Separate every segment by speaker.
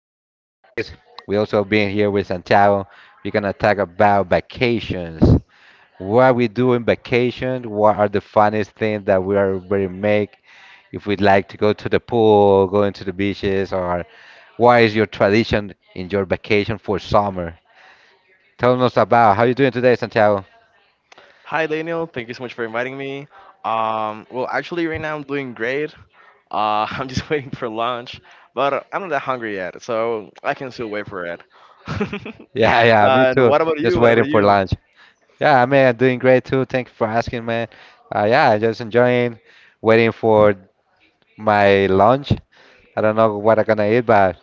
Speaker 1: That in this case, we also being here with Santiago. We're gonna talk about vacations. What we do in vacation? What are the funniest things that we already make? If we'd like to go to the pool, going to the beaches, or what is your tradition in your vacation for summer? Tell us about how you doing today, Santiago.
Speaker 2: Hi, Daniel. Thank you so much for inviting me. Actually, right now I'm doing great. I'm just waiting for lunch, but I'm not that hungry yet, so I can still wait for it.
Speaker 1: Yeah, yeah, me
Speaker 2: And
Speaker 1: too.
Speaker 2: what about
Speaker 1: Just
Speaker 2: you? What
Speaker 1: waiting
Speaker 2: about
Speaker 1: for
Speaker 2: you?
Speaker 1: lunch. Yeah, I mean, I'm doing great too. Thank you for asking, man. Yeah, I'm just enjoying waiting for my lunch. I don't know what I'm gonna eat, but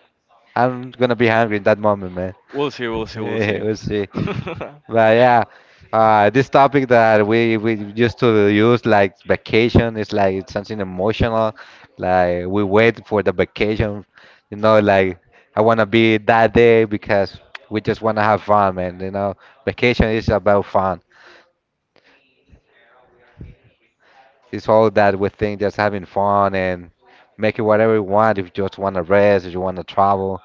Speaker 1: I'm gonna be hungry in that moment, man.
Speaker 2: We'll see. We'll see. We'll see.
Speaker 1: We'll see.
Speaker 2: but
Speaker 1: But yeah, this topic that we used to use like vacation is like it's something emotional. Like we wait for the vacation, you know, like I wanna be that day because we just wanna have fun, man. You know, vacation is about fun. It's all that we think just having fun and making whatever we want. If you just want to rest, if you want to travel,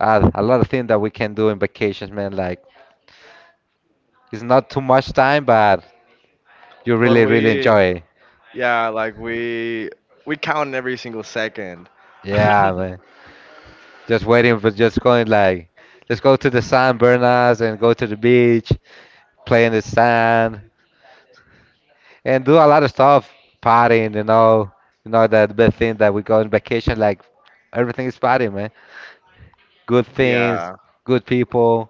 Speaker 1: a lot of things that we can do in vacations, man. Like it's not too much time, but you really, really
Speaker 2: we,
Speaker 1: enjoy it.
Speaker 2: yeah, like we count every single second.
Speaker 1: Yeah, man. Just waiting for just going like, let's go to the sand, burn us, and go to the beach, play in the sand, and do a lot of stuff, partying, you know that best thing that we go on vacation. Like everything is partying, man. Good things,
Speaker 2: Yeah,
Speaker 1: good people,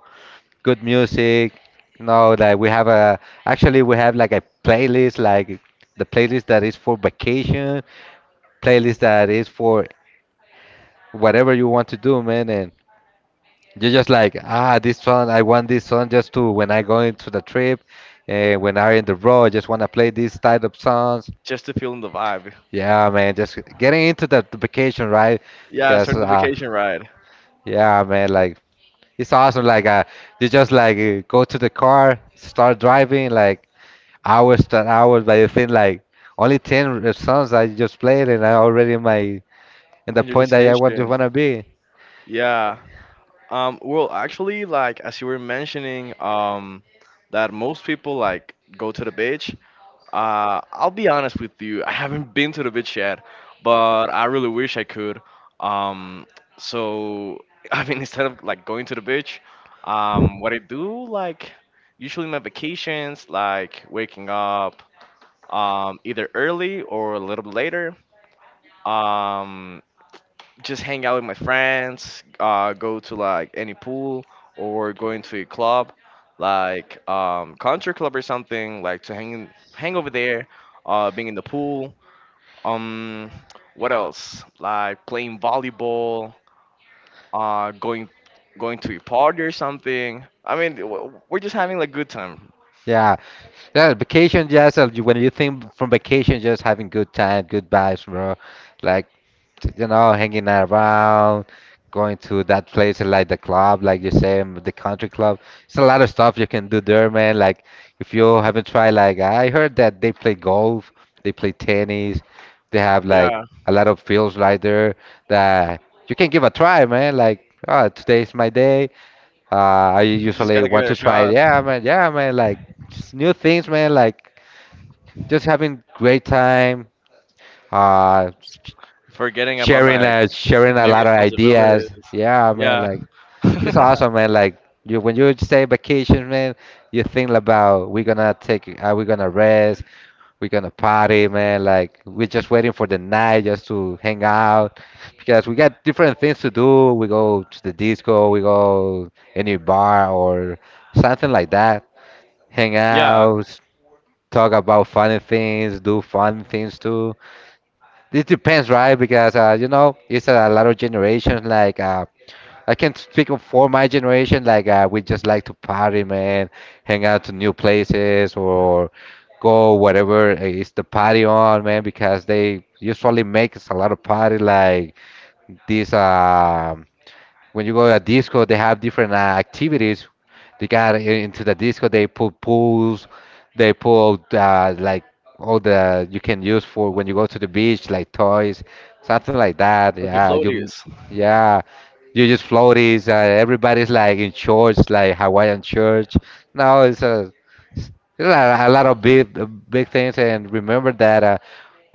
Speaker 1: good music. You know, like we have a actually we have like a playlist, like the playlist that is for vacation, playlist that is for whatever you want to do, man. And you're just like, ah, this song, I want this song just to when I go into the trip, and when I'm in the road, I just want to play these type of songs.
Speaker 2: just to feel in the vibe.
Speaker 1: Yeah, man, just getting into the vacation, right?
Speaker 2: Yeah,
Speaker 1: Because,
Speaker 2: starting the vacation ride
Speaker 1: yeah, man, like it's awesome. Like, you just like go to the car, start driving, like hours and hours. But I think like only ten songs I just played, and I already in my in the
Speaker 2: in your
Speaker 1: point that I want to
Speaker 2: destination.
Speaker 1: wanna be.
Speaker 2: Yeah. Actually, like as you were mentioning, that most people like go to the beach. I'll be honest with you, I haven't been to the beach yet, but I really wish I could. Um, so I mean, instead of like going to the beach, what I do like usually my vacations, like waking up either early or a little bit later. Um, just hang out with my friends, go to like any pool or going to a club, like country club or something, like to hang over there, being in the pool. Um, what else? Like playing volleyball, uh, going going to a party or something. I mean, we're just having like good time.
Speaker 1: Yeah, yeah. Vacation, just you- when you think from vacation, just having good time, good vibes, bro. Like you know, hanging around, going to that place like the club, like you say, the country club. It's a lot of stuff you can do there, man. Like if you haven't tried, like I heard that they play golf, they play tennis, they have like
Speaker 2: Yeah,
Speaker 1: a lot of fields right there that you can give a try, man. Like oh, today's my day. I
Speaker 2: just
Speaker 1: usually
Speaker 2: gotta give
Speaker 1: want
Speaker 2: it a
Speaker 1: to try it.
Speaker 2: shot.
Speaker 1: Yeah, man. Yeah, man. Like just new things, man. Like just having great time. Uh,
Speaker 2: Forgetting about, like,
Speaker 1: Sharing a
Speaker 2: maybe
Speaker 1: lot of
Speaker 2: responsibilities.
Speaker 1: ideas. Yeah, man,
Speaker 2: Yeah,
Speaker 1: like it's awesome, man. Like you when you stay vacation, man, you think about we're gonna take are we gonna rest, we're gonna party, man. Like we're just waiting for the night just to hang out because we got different things to do. We go to the disco, we go any bar or something like that. Hang
Speaker 2: yeah,
Speaker 1: out, talk about funny things, do fun things too. It depends, right? Because you know, it's a lot of generations. Like I can speak of for my generation. Like we just like to party, man, hang out to new places or go whatever is the party on, man. Because they usually make us a lot of party, like these. When you go to a disco, they have different activities. They got into the disco. They put pools. They put like all the you can use for when you go to the beach, like toys, something like that.
Speaker 2: like the
Speaker 1: Yeah,
Speaker 2: floaties.
Speaker 1: yeah, you just floaties. Everybody's like in shorts, like Hawaiian shorts. No, it's a, a lot of big, big things. And remember that. Uh,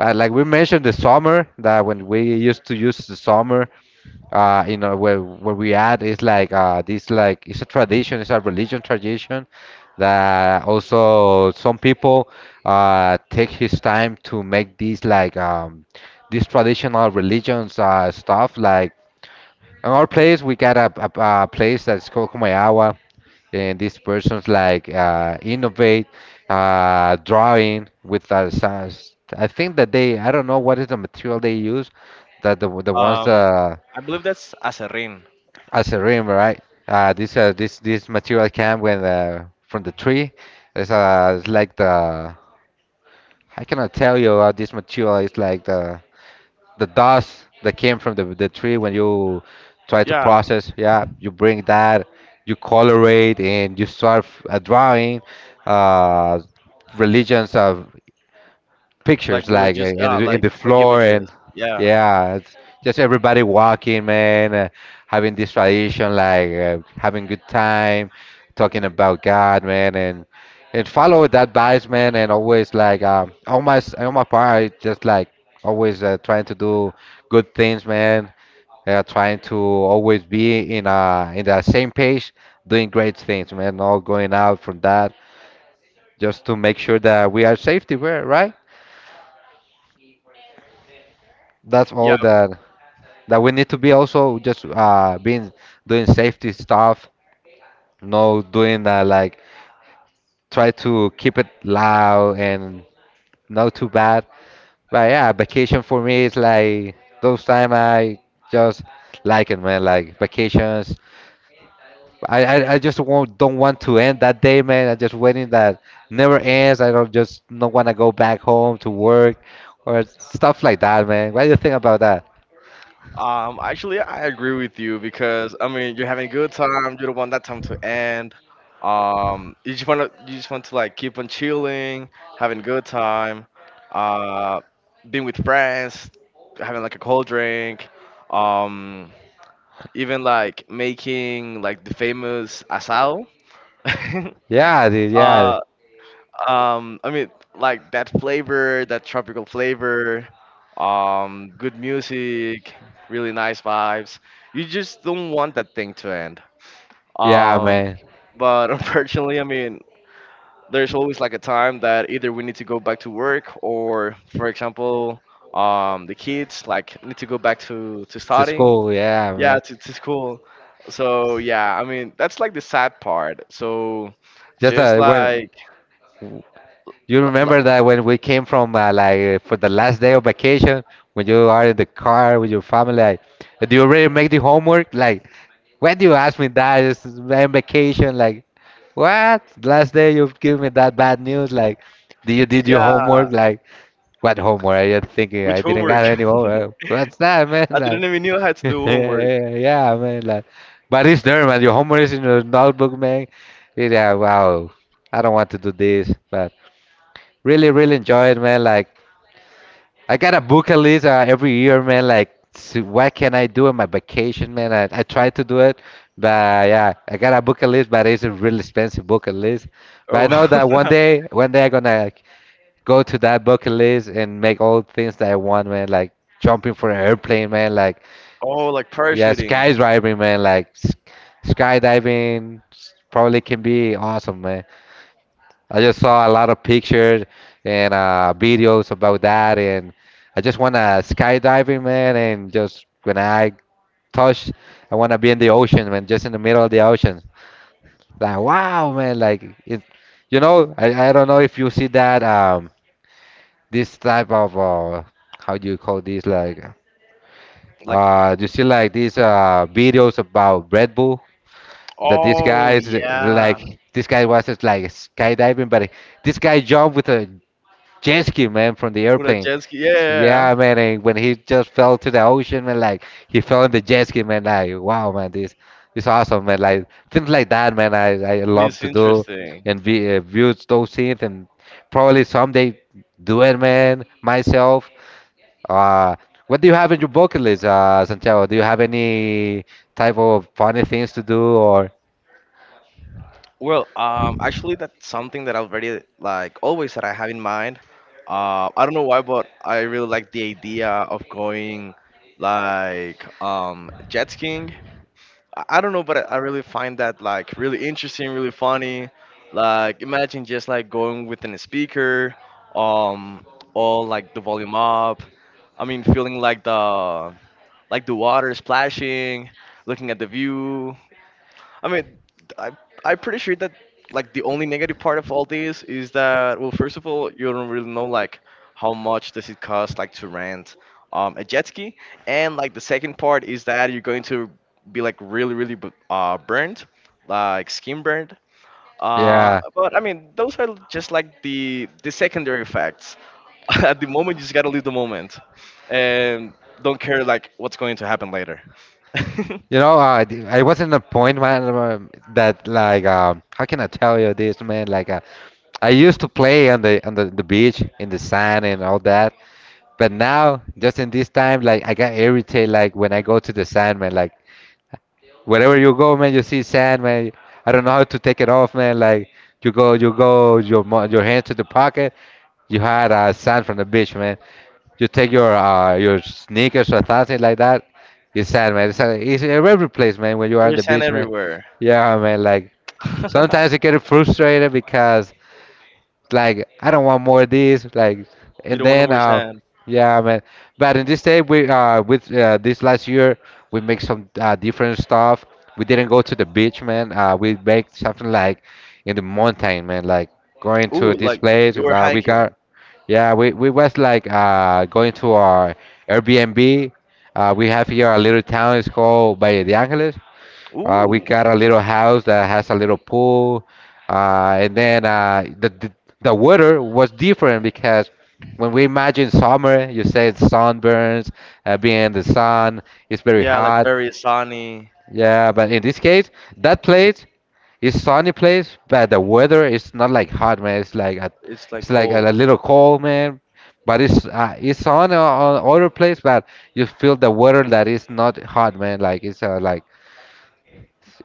Speaker 1: uh, Like we mentioned the summer that when we used to use the summer you know where we at is like this like it's a tradition, it's a religion tradition that also some people take his time to make these like these traditional religions stuff like in our place we got a place that's called Kumayawa, and these persons like innovate drawing with science. I think that they I don't know what is the material they use that the ones
Speaker 2: Um, I believe that's Aserrin.
Speaker 1: as a rim, right? This this material came when from the tree. It's like the I cannot tell you this material is like the dust that came from the tree when you try to
Speaker 2: Yeah,
Speaker 1: process. Yeah, you bring that, you colorate, and you start a drawing. Uh, Religions
Speaker 2: like
Speaker 1: pictures like
Speaker 2: religious,
Speaker 1: in in the
Speaker 2: like
Speaker 1: floor, and
Speaker 2: images. Yeah,
Speaker 1: yeah, it's just everybody walking, man, having this tradition like having good time talking about god, man, and follow that advice, man, and always like on my on my part I just like always trying to do good things, man, trying to always be in the same page, doing great things, man, not going out from that just to make sure that we are safety, right? That's
Speaker 2: yeah.
Speaker 1: all that that we need to be also just being doing safety stuff, no doing like try to keep it loud and not too bad. But yeah, vacation for me is like those time I just like it, man. Like vacations, I just won't, don't want to end that day, man. I just waiting that never ends. I don't just not want to go back home to work or stuff like that, man. What do you think about that?
Speaker 2: Actually, I agree with you because I mean, you're having a good time. You don't want that time to end. You just want to like keep on chilling, having a good time, uh, being with friends, having like a cold drink, um, even like making like the famous asado.
Speaker 1: Yeah, dude. Yeah,
Speaker 2: uh, um, I mean, like that flavor, that tropical flavor, good music, really nice vibes. You just don't want that thing to end.
Speaker 1: yeah,
Speaker 2: Um,
Speaker 1: man.
Speaker 2: but unfortunately, I mean, there's always like a time that either we need to go back to work or, for example, the kids like need to go back to
Speaker 1: The
Speaker 2: studying.
Speaker 1: school, yeah,
Speaker 2: Yeah,
Speaker 1: man.
Speaker 2: to school. So yeah, I mean, that's like the sad part. So
Speaker 1: Just
Speaker 2: just
Speaker 1: when
Speaker 2: like,
Speaker 1: you
Speaker 2: li- li-
Speaker 1: remember that when we came from for the last day of vacation, when you are in the car with your family, like, do you already make the homework? Like, why do you ask me that? It's in vacation. Like, what? Last day you give me that bad news. Like, did your
Speaker 2: yeah.
Speaker 1: homework? Like, what homework? I just thinking
Speaker 2: Which
Speaker 1: I didn't got
Speaker 2: homework?
Speaker 1: any homework. What's that, man?
Speaker 2: I
Speaker 1: Like,
Speaker 2: didn't even know I had to do homework.
Speaker 1: yeah, man. Like, but it's there, man. Your homework is in your notebook, man. Yeah, wow. I don't want to do this, but. Really, really enjoy it, man. Like, I got a bucket list every year, man. Like, what can I do on my vacation, man? I try to do it, but yeah, I got a bucket list, but it's a really expensive bucket list. But I know
Speaker 2: Oh,
Speaker 1: that one day I'm gonna go to that bucket list and make all things that I want, man. Like jumping for an airplane, man. Like,
Speaker 2: oh, like
Speaker 1: yeah,
Speaker 2: parachuting.
Speaker 1: skydiving, man. Like, skydiving probably can be awesome, man. I just saw a lot of pictures and videos about that, and I just want to skydiving, man, and just when I touch, I want to be in the ocean, man, just in the middle of the ocean. Like, wow, man, like it, you know, I don't know if you see that this type of how do you call this like
Speaker 2: Like,
Speaker 1: you see like these videos about Red Bull that this guy
Speaker 2: oh
Speaker 1: is
Speaker 2: yeah,
Speaker 1: this guy was just like skydiving, but this guy jumped with a jet ski, man, from the
Speaker 2: with a
Speaker 1: airplane.
Speaker 2: jet ski. Yeah, yeah, yeah.
Speaker 1: Yeah, man, and when he just fell to the ocean, man, like he fell in the jet ski, man, like wow, man, this awesome, man, like things like that, man, I love
Speaker 2: This is
Speaker 1: to do
Speaker 2: interesting.
Speaker 1: and be, view those scenes and probably someday do it, man, myself. Uh, what do you have in your bucket list, Santiago? Do you have any type of funny things to do or
Speaker 2: Well, actually, that's something that I have already like always that I have in mind. I don't know why, but I really like the idea of going like jet skiing. I don't know, but I really find that like really interesting, really funny. Like imagine just like going within a speaker, um, all like the volume up. I mean, feeling like the water splashing, looking at the view, I mean, I I'm pretty sure that like the only negative part of all this is that well, first of all, you don't really know like how much does it cost like to rent a jet ski, and like the second part is that you're going to be like really really burned, like skin burned.
Speaker 1: yeah?
Speaker 2: But I mean, those are just like the secondary effects. At the moment, you just gotta live the moment, and don't care like what's going to happen later.
Speaker 1: You know, I was in a point, man, that like, how can I tell you this, man? Like, I used to play on the beach in the sand and all that, but now, just in this time, like, I got irritated, like, when I go to the sand, man, like, wherever you go, man, you see sand, man. I don't know how to take it off, man. Like you go, your your hands to the pocket. You had sand from the beach, man. You take your sneakers or something like that. It's sand, man. It's sand, it's in every place, man. When you are on
Speaker 2: There's
Speaker 1: the
Speaker 2: sand
Speaker 1: beach, man.
Speaker 2: everywhere.
Speaker 1: Yeah, man. Like sometimes you get frustrated because like I don't want more of this. Like
Speaker 2: You
Speaker 1: and
Speaker 2: don't want no
Speaker 1: then
Speaker 2: more sand.
Speaker 1: yeah, man. But in this day we with this last year we make some different stuff. We didn't go to the beach, man. We make something like in the mountain, man. Like going to
Speaker 2: Ooh,
Speaker 1: this
Speaker 2: like
Speaker 1: place,
Speaker 2: you were
Speaker 1: we got
Speaker 2: hiking.
Speaker 1: yeah. We was like going to our Airbnb. We have here a little town. It's called Valle de Angeles. We
Speaker 2: Ooh,
Speaker 1: got a little house that has a little pool, and then the weather was different because when we imagine summer, you say sunburns, being in the sun, it's very
Speaker 2: yeah, like
Speaker 1: hot.
Speaker 2: very sunny.
Speaker 1: Yeah, but in this case, that place is sunny place, but the weather is not like hot, man. It's like a,
Speaker 2: It's like
Speaker 1: it's like a,
Speaker 2: cold.
Speaker 1: little cold, man. But it's on other place, but you feel the weather that is not hot, man. Like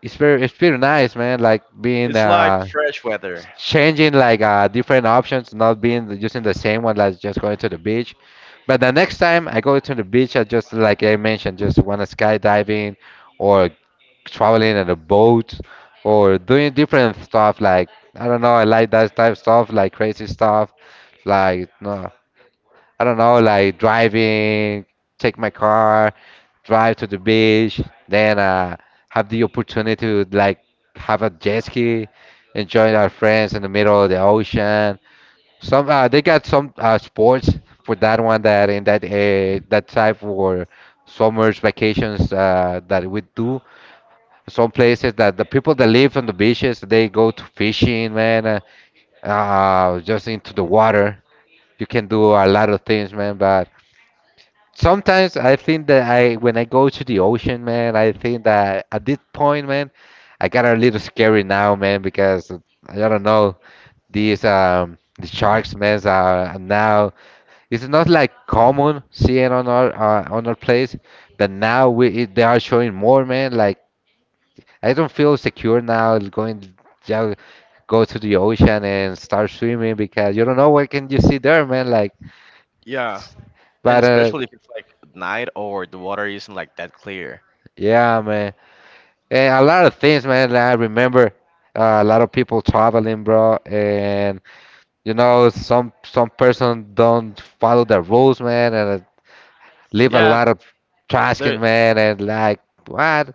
Speaker 1: it's very nice, man. Like being
Speaker 2: It's like fresh weather.
Speaker 1: changing like different options, not being using the same one, like just going to the beach. But the next time I go to the beach, I just, like I mentioned, just want to skydiving or traveling in a boat or doing different stuff. Like I don't know, I like that type of stuff, like crazy stuff, like no. I don't know, like driving, take my car, drive to the beach, then have the opportunity to like have a jet ski, enjoy our friends in the middle of the ocean. Some They got some sports for that one, that in that type for summers vacations that we do. Some places that the people that live on the beaches, they go to fishing, man, just into the water. You can do a lot of things, man, but. Sometimes I think that I, when I go to the ocean, man, I think that at this point, man, I got a little scary now, man, because I don't know, these the sharks, man, are now it's not like common seeing on our place, but now they are showing more, man. Like I don't feel secure now going ja- go to the ocean and start swimming because you don't know what can you see there, man. Like,
Speaker 2: Yeah, and
Speaker 1: but
Speaker 2: especially if it's like at night or the water isn't like that clear.
Speaker 1: yeah, man. And a lot of things, man. I remember a lot of people traveling, bro, and you know some person don't follow the rules, man, and leave a
Speaker 2: Yeah,
Speaker 1: lot of trash can,
Speaker 2: there
Speaker 1: man, and like what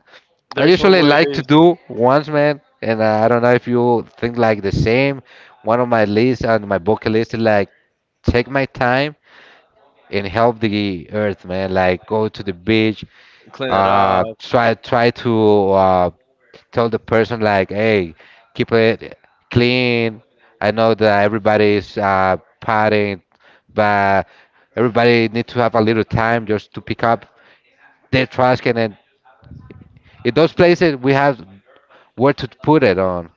Speaker 1: I
Speaker 2: there's
Speaker 1: usually
Speaker 2: always
Speaker 1: like to do once, man. And I don't know if you think like the same. One of my lists on my bucket list is like take my time and help the earth, man. Like go to the beach,
Speaker 2: clean it up.
Speaker 1: try to tell the person like, hey, keep it clean. I know that everybody is partying, but everybody need to have a little time just to pick up their trash can. And in those places, we have where to put it on.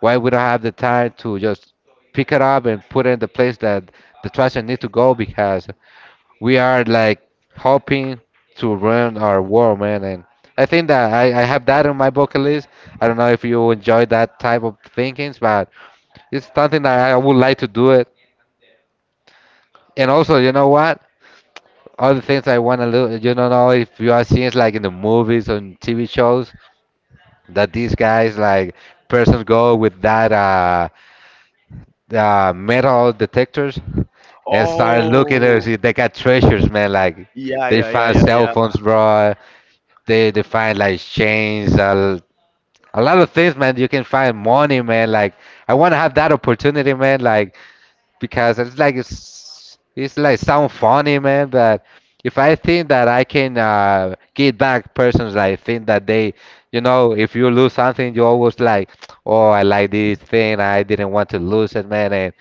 Speaker 1: Why we don't have the time to just pick it up and put it in the place that the trash can need to go, because we are like hoping to run our world, man. And I think that I have that on my bucket list. I don't know if you enjoy that type of thinkings, but it's something that I would like to do it. And also, you know what? Other things I want to look, you don't know if you are seeing like in the movies and TV shows that these guys like persons go with that metal detectors and start looking to
Speaker 2: Oh,
Speaker 1: see if they got treasures, man. Like
Speaker 2: yeah,
Speaker 1: they
Speaker 2: yeah, yeah,
Speaker 1: found
Speaker 2: yeah,
Speaker 1: cell
Speaker 2: yeah.
Speaker 1: phones, bro. They find like chains, a lot of things, man. You can find money, man. Like I want to have that opportunity, man. Like because it's like sound funny, man. But if I think that I can get back persons, I think that they, you know, if you lose something, you always like, oh, I like this thing. I didn't want to lose it, man,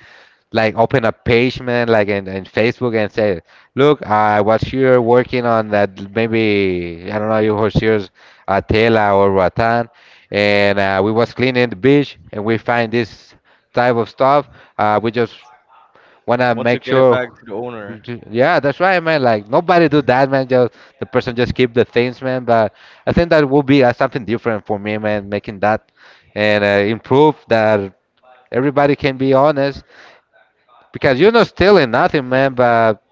Speaker 1: like open a page, man, like in Facebook and say, look, I was here working on that maybe I don't know you was here Tela or Ratan, and we was cleaning the beach and we find this type of stuff. We just wanna
Speaker 2: Want to
Speaker 1: make
Speaker 2: get it
Speaker 1: sure.
Speaker 2: back to the owner,
Speaker 1: Yeah, that's right, man. Like nobody do that, man. Just the person just keep the things, man. But I think that will be something different for me, man. Making that and improve that everybody can be honest, because you're not stealing nothing, man, but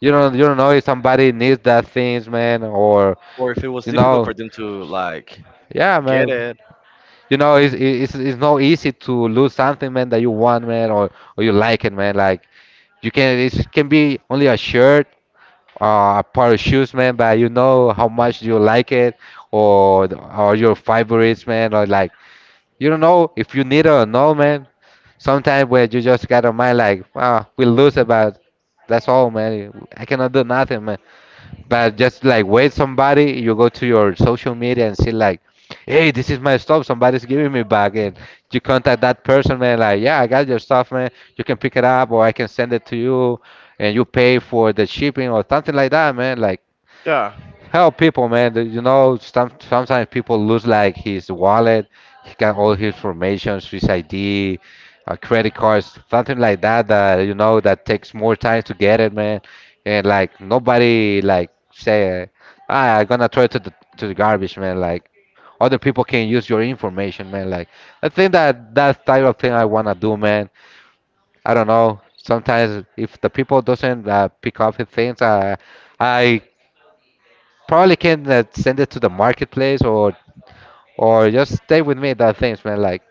Speaker 1: you don't know if somebody needs that things, man, or
Speaker 2: or if it was
Speaker 1: you
Speaker 2: difficult
Speaker 1: know,
Speaker 2: for them to like
Speaker 1: yeah,
Speaker 2: get
Speaker 1: man.
Speaker 2: it.
Speaker 1: You know, it's not easy to lose something, man, that you want, man, or you like it, man. Like you can it can be only a shirt, a pair of shoes, man, but you know how much you like it, or your favorites, man, or like you don't know if you need her or no, man. Sometimes where you just got a mind like, ah, we lose about. That's all, man. I cannot do nothing, man. But just like wait somebody, you go to your social media and see like, hey, this is my stuff. Somebody's giving me back, and you contact that person, man. Like, yeah, I got your stuff, man. You can pick it up, or I can send it to you, and you pay for the shipping or something like that, man. Like
Speaker 2: Yeah,
Speaker 1: help people, man. You know, sometimes people lose like his wallet, he got all his information, his ID, credit cards, something like that. That you know that takes more time to get it, man. And like nobody like say, ah, I'm gonna throw it to the garbage, man. Like other people can use your information, man. Like I think that that type of thing I wanna do, man. I don't know. Sometimes if the people doesn't pick up his things, I probably can send it to the marketplace or just stay with me that things, man. Like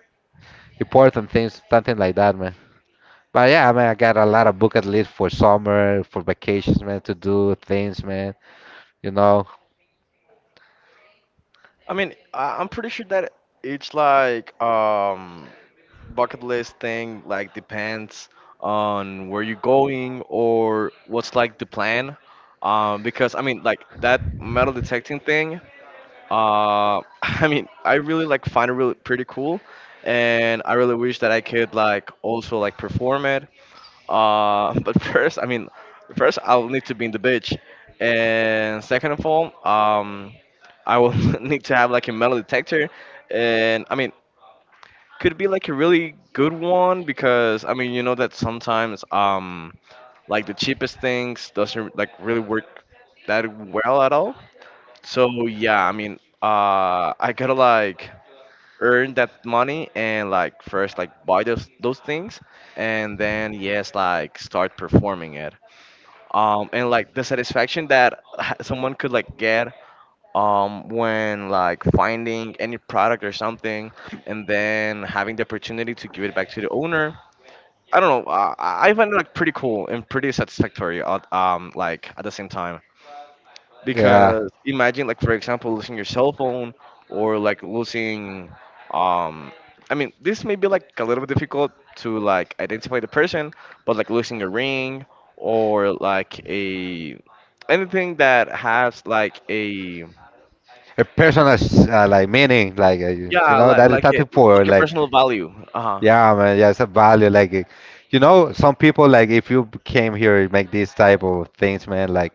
Speaker 1: important things, something like that, man. But yeah, I mean, I got a lot of bucket list for summer, for vacations, man. To do things, man. You know,
Speaker 2: I mean, I, I'm pretty sure that it's like bucket list thing like depends on where you're going or what's like the plan. Because I mean, like that metal detecting thing. I mean, I really like find it really pretty cool, and I really wish that I could like also like perform it. But first, I mean, first I'll need to be in the beach, and second of all, I will need to have like a metal detector, and I mean could be like a really good one because I mean you know that sometimes like the cheapest things doesn't like really work that well at all. So yeah, I mean I gotta like earn that money and like first like buy those things and then yes like start performing it. And like the satisfaction that someone could like get when like finding any product or something and then having the opportunity to give it back to the owner. I don't know. I find it like pretty cool and pretty satisfactory. At, like at the same time,
Speaker 1: yeah.
Speaker 2: because imagine like for example losing your cell phone or like losing. Um, I mean, this may be like a little bit difficult to like identify the person, but like losing a ring or like a anything that has like a
Speaker 1: A personal like meaning, like you
Speaker 2: Yeah,
Speaker 1: know, that is something for
Speaker 2: like a
Speaker 1: like,
Speaker 2: personal value. Uh huh.
Speaker 1: yeah, man. Yeah, it's a value. Like, you know, some people, like if you came here, you make these type of things, man. Like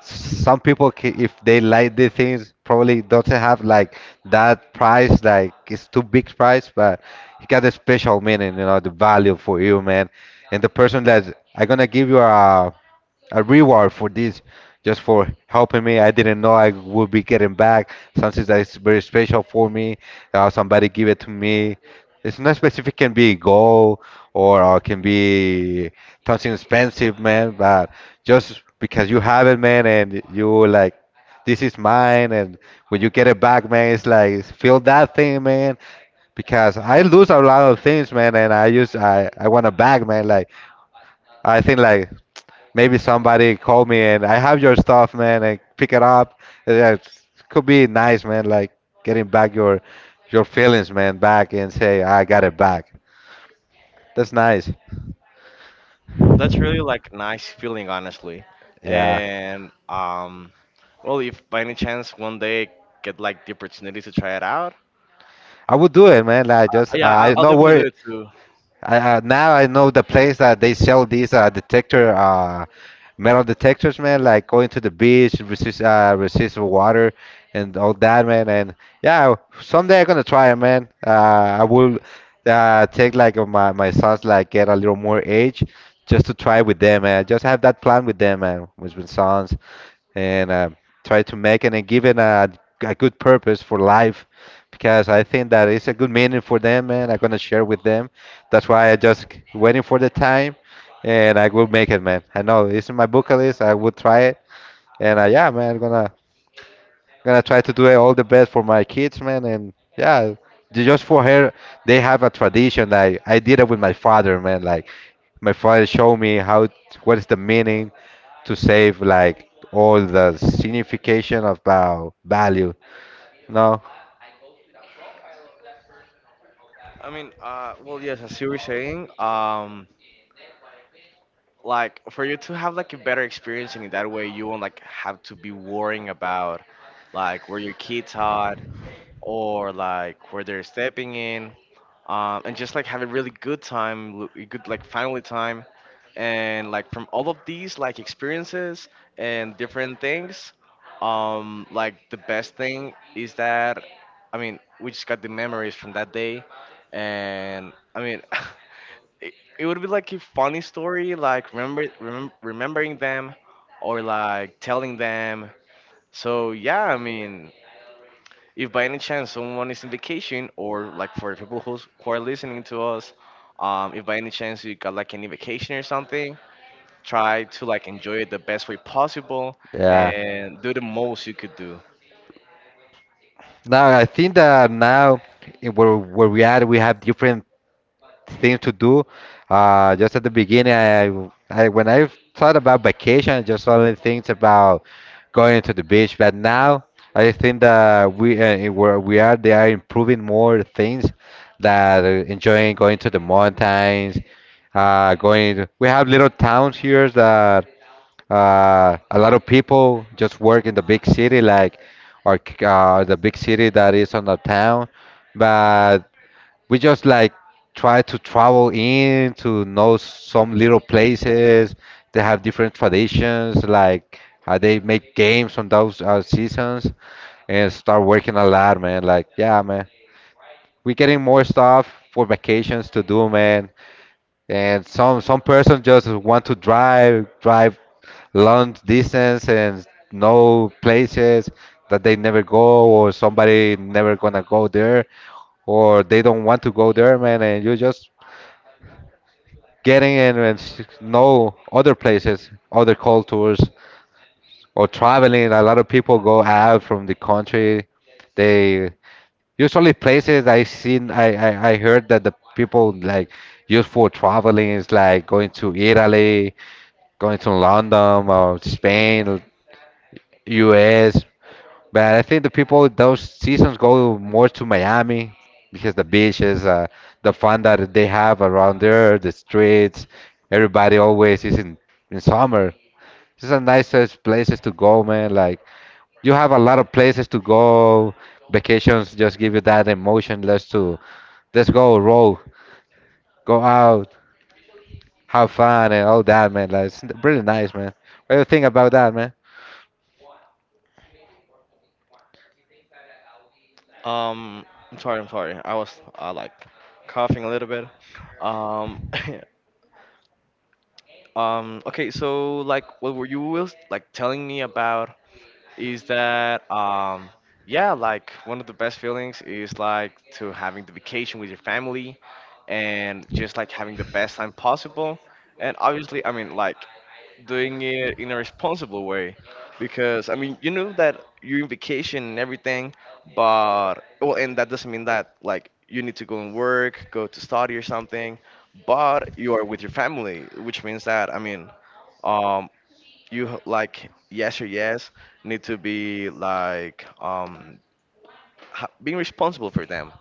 Speaker 1: some people if they like the things probably doesn't have like that price, like it's too big price, but it got a special meaning, you know, the value for you, man. And the person that I am gonna give you a reward for this, just for helping me. I didn't know I would be getting back something that is very special for me. Somebody give it to me. It's not specific. Can be gold or can be something expensive, man. But just because you have it, man, and you like, this is mine. And when you get it back, man, it's like feel that thing, man. Because I lose a lot of things, man, and I use I want a bag, man. Like I think like maybe somebody call me and I have your stuff, man, and pick it up. Yeah, it could be nice, man, like getting back your feelings, man, back and say I got it back. That's nice.
Speaker 2: That's really like nice feeling, honestly.
Speaker 1: Yeah,
Speaker 2: And well, if by any chance one day get like the opportunity to try it out,
Speaker 1: I would do it, man. Like just
Speaker 2: yeah,
Speaker 1: I
Speaker 2: I'll
Speaker 1: know
Speaker 2: definitely
Speaker 1: where
Speaker 2: do it too.
Speaker 1: now I know the place that they sell these detector metal detectors, man. Like going to the beach, resist the water, and all that, man. And yeah, someday I'm gonna try it, man. I will take like my sons like get a little more age just to try with them, man. Just have that plan with them, man, with my sons and try to make it and give it a good purpose for life, because I think that it's a good meaning for them and I'm gonna share with them. That's why I just waiting for the time and I will make it, man. I know it's in my bucket list. I will try it and yeah, man, I'm gonna try to do it all the best for my kids, man. And yeah, just for her, they have a tradition. I did it with my father, man. Like my father showed me how, what is the meaning to save like all the signification about value. No,
Speaker 2: I mean, well, yes, as you were saying, like for you to have like a better experience and in that way, you won't like have to be worrying about like where your kids are, or like where they're stepping in, and just like have a really good time, l- a good like family time, and like from all of these like experiences and different things, like the best thing is that, I mean, we just got the memories from that day, and I mean, it would be like a funny story, like remember remem- remembering them, or like telling them. So yeah, I mean, if by any chance someone is in vacation or like for people who's, who are listening to us if by any chance you got like any vacation or something try to like enjoy it the best way possible
Speaker 1: yeah.
Speaker 2: and do the most you could do
Speaker 1: Now I think that now in where we are, we have different things to do. Just at the beginning, I when I thought about vacation, I just only things about going to the beach. But now I think that we in where we are, they are improving more things that enjoying going to the mountains, going. We have little towns here that a lot of people just work in the big city, like or the big city that is on the town, but we just like try to travel in to know some little places. They have different traditions, like they make games on those seasons and start working a lot, man. Like, yeah, man, we getting more stuff for vacations to do, man. And some person just want to drive long distance and know places that they never go or somebody never gonna go there or they don't want to go there, man. And you just getting in and know other places, other cultures or traveling. A lot of people go out from the country. They usually places I seen, I heard that the people like used for traveling is like going to Italy, going to London or Spain, or US. But I think the people those seasons go more to Miami because the beaches, the fun that they have around there, the streets. Everybody always is in summer. These are nicest places to go, man. Like you have a lot of places to go. Vacations just give you that emotion. Let's go roll, go out, have fun, and all that, man. Like it's really nice, man. What do you think about that, man?
Speaker 2: um I'm sorry, I'm sorry, I was like coughing a little bit um okay so like what were you was like telling me about is that yeah like one of the best feelings is like to having the vacation with your family and just like having the best time possible and obviously I mean like doing it in a responsible way because I mean you know that you're in vacation and everything but well and that doesn't mean that like you need to go and work go to study or something but you are with your family which means that I mean um, you h- like yes or yes need to be like ha- being responsible for them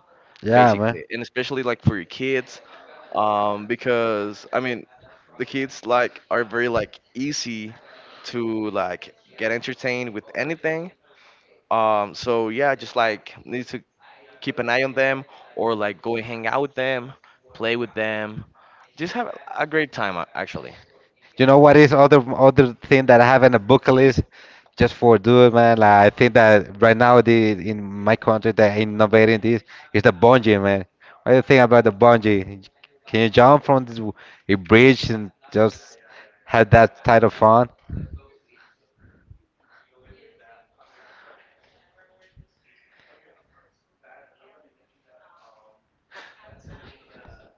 Speaker 1: Yeah, man.
Speaker 2: basically and especially like for your kids because I mean the kids like are very like easy to like get entertained with anything so yeah just like need to keep an eye on them or like go and hang out with them play with them just have a great time actually
Speaker 1: You know what is other thing that I have in a bucket list just for do it, man. Like, I think that right now the in my country they're innovating this is the bungee, man. What do you think about the bungee?
Speaker 2: oh
Speaker 1: Can you jump from this a bridge and
Speaker 2: Yeah,
Speaker 1: just
Speaker 2: yeah, yeah, yeah, yeah.
Speaker 1: have
Speaker 2: I know
Speaker 1: that
Speaker 2: what you're
Speaker 1: type of
Speaker 2: talking
Speaker 1: fun?
Speaker 2: about. Believe me that I mean that I mean that now that you mentioned that that's something that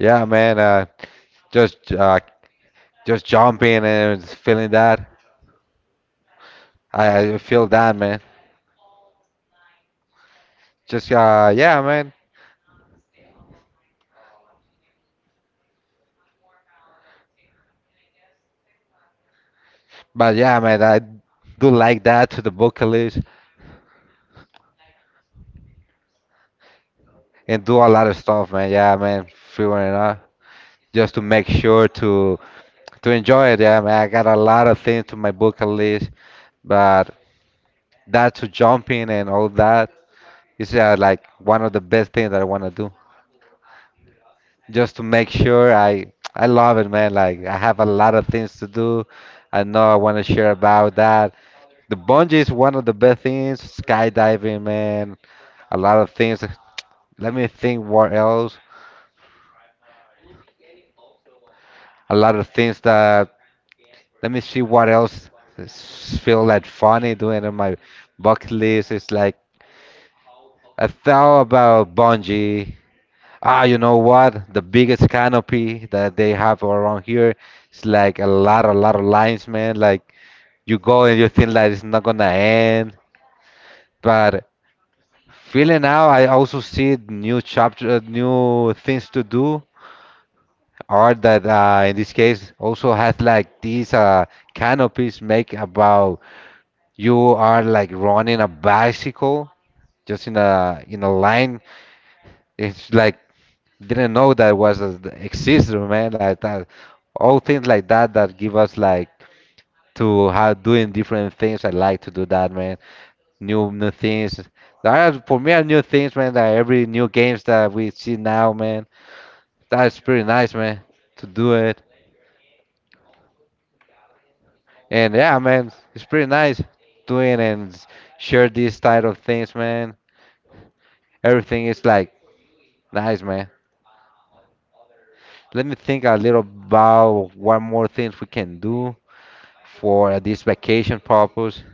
Speaker 1: Yeah, man. Just just jumping and feeling that. I feel that, man. Just yeah, man.
Speaker 2: um
Speaker 1: But yeah, man, I do like that to the bucket list, and do a lot of stuff, man. Yeah, man, figuring it out just to make sure to enjoy it. Yeah, man, I got a lot of things to my bucket list, but that to jumping and all that is like one of the best things that I want to do. Just to make sure I love it, man. Like I have a lot of things to do. I know I want to share about that. The bungee is one of the best things. Skydiving, man. A lot of things. Let me think what else.
Speaker 2: have you tried like
Speaker 1: A lot of things that, let me see what else feel like funny doing on my bucket list. It's like I thought about bungee. Ah, you know what? The biggest canopy that they have around here. It's like a lot of lines, man. Like you go and you think like it's not gonna end, but feeling out, I also see new chapter, new things to do. Art that in this case also has like these canopies make about you are like running a bicycle just in a line. It's like didn't know that was a, exists, man. Like that, all things like that that give us like to have doing different things. I like to do that, man. New things. There are for me are new things, man. That every new games that we see now, man. That's
Speaker 2: yeah,
Speaker 1: pretty nice, man. To do it. And yeah, man, it's pretty nice doing and share these type of things, man. Everything is like nice, man. Let me think a little about what more things we can do for this vacation purpose.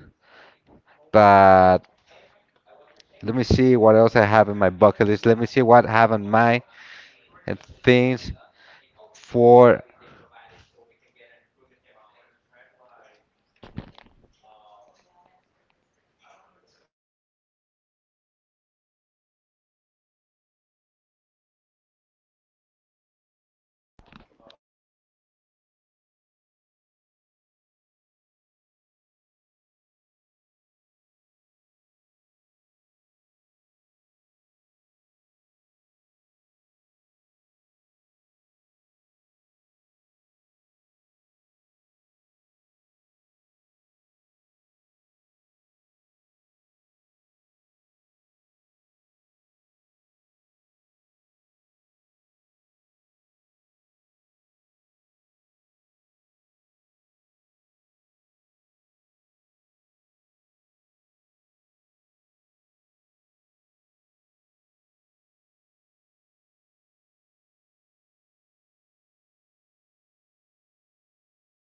Speaker 1: But let me see what else I have in my bucket list. Let me see what I have in mind and things for.
Speaker 2: have you tried like um I don't know how it's called, but it's like a human um like I mean I don't really remember like what's the name of it, but it is like that you get into like a seed and you like get like pushed out. I don't know how it's called honestly, but I, like find that like really interesting. And what I've seen is that you can find that like in Mexico, um, and yeah, it's like very interesting for me. Kind of scary, yeah, too, but it's more interesting than scary for me. So I will really like try to like check that out. Um, and like yeah that's like one of my bucket list like things that I want to do and I wish that I could like perform that soon or something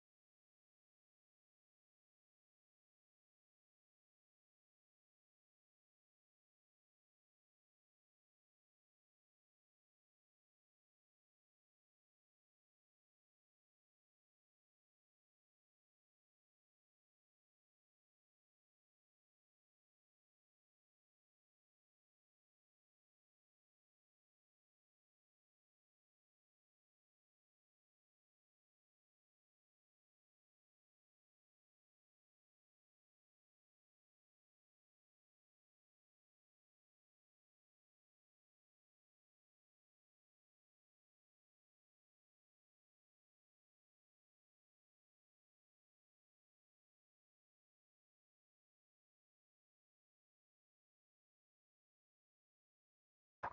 Speaker 2: um because I mean I don't know how like how much does it costs or like well in these cases I was explaining you that I just know like one place that is in Mexico so like where like I would like stay transportation so yeah I'll need to check that out like for me to perform that um and yeah I mean other thing that I like really like is like going to a yacht I mean that, I- that I would like to perform like yacht partying or something I don't know I find like pretty cool and hanging out with friends yeah just feeling the wind looking at the sunset and yeah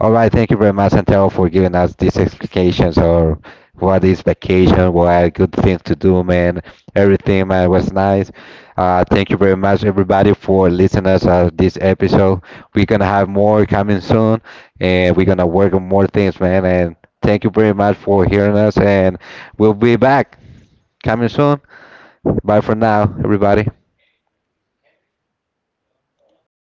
Speaker 1: All right, thank you very much, Santiago, for giving us these explications or what is vacation, what are good things to do, man. Everything, man, was nice. Thank you very much, everybody, for listening us this episode. We're gonna have more coming soon, and we're gonna work on more things, man. And thank you very much for hearing us, and we'll be back coming soon. Bye for now, everybody.
Speaker 2: all right.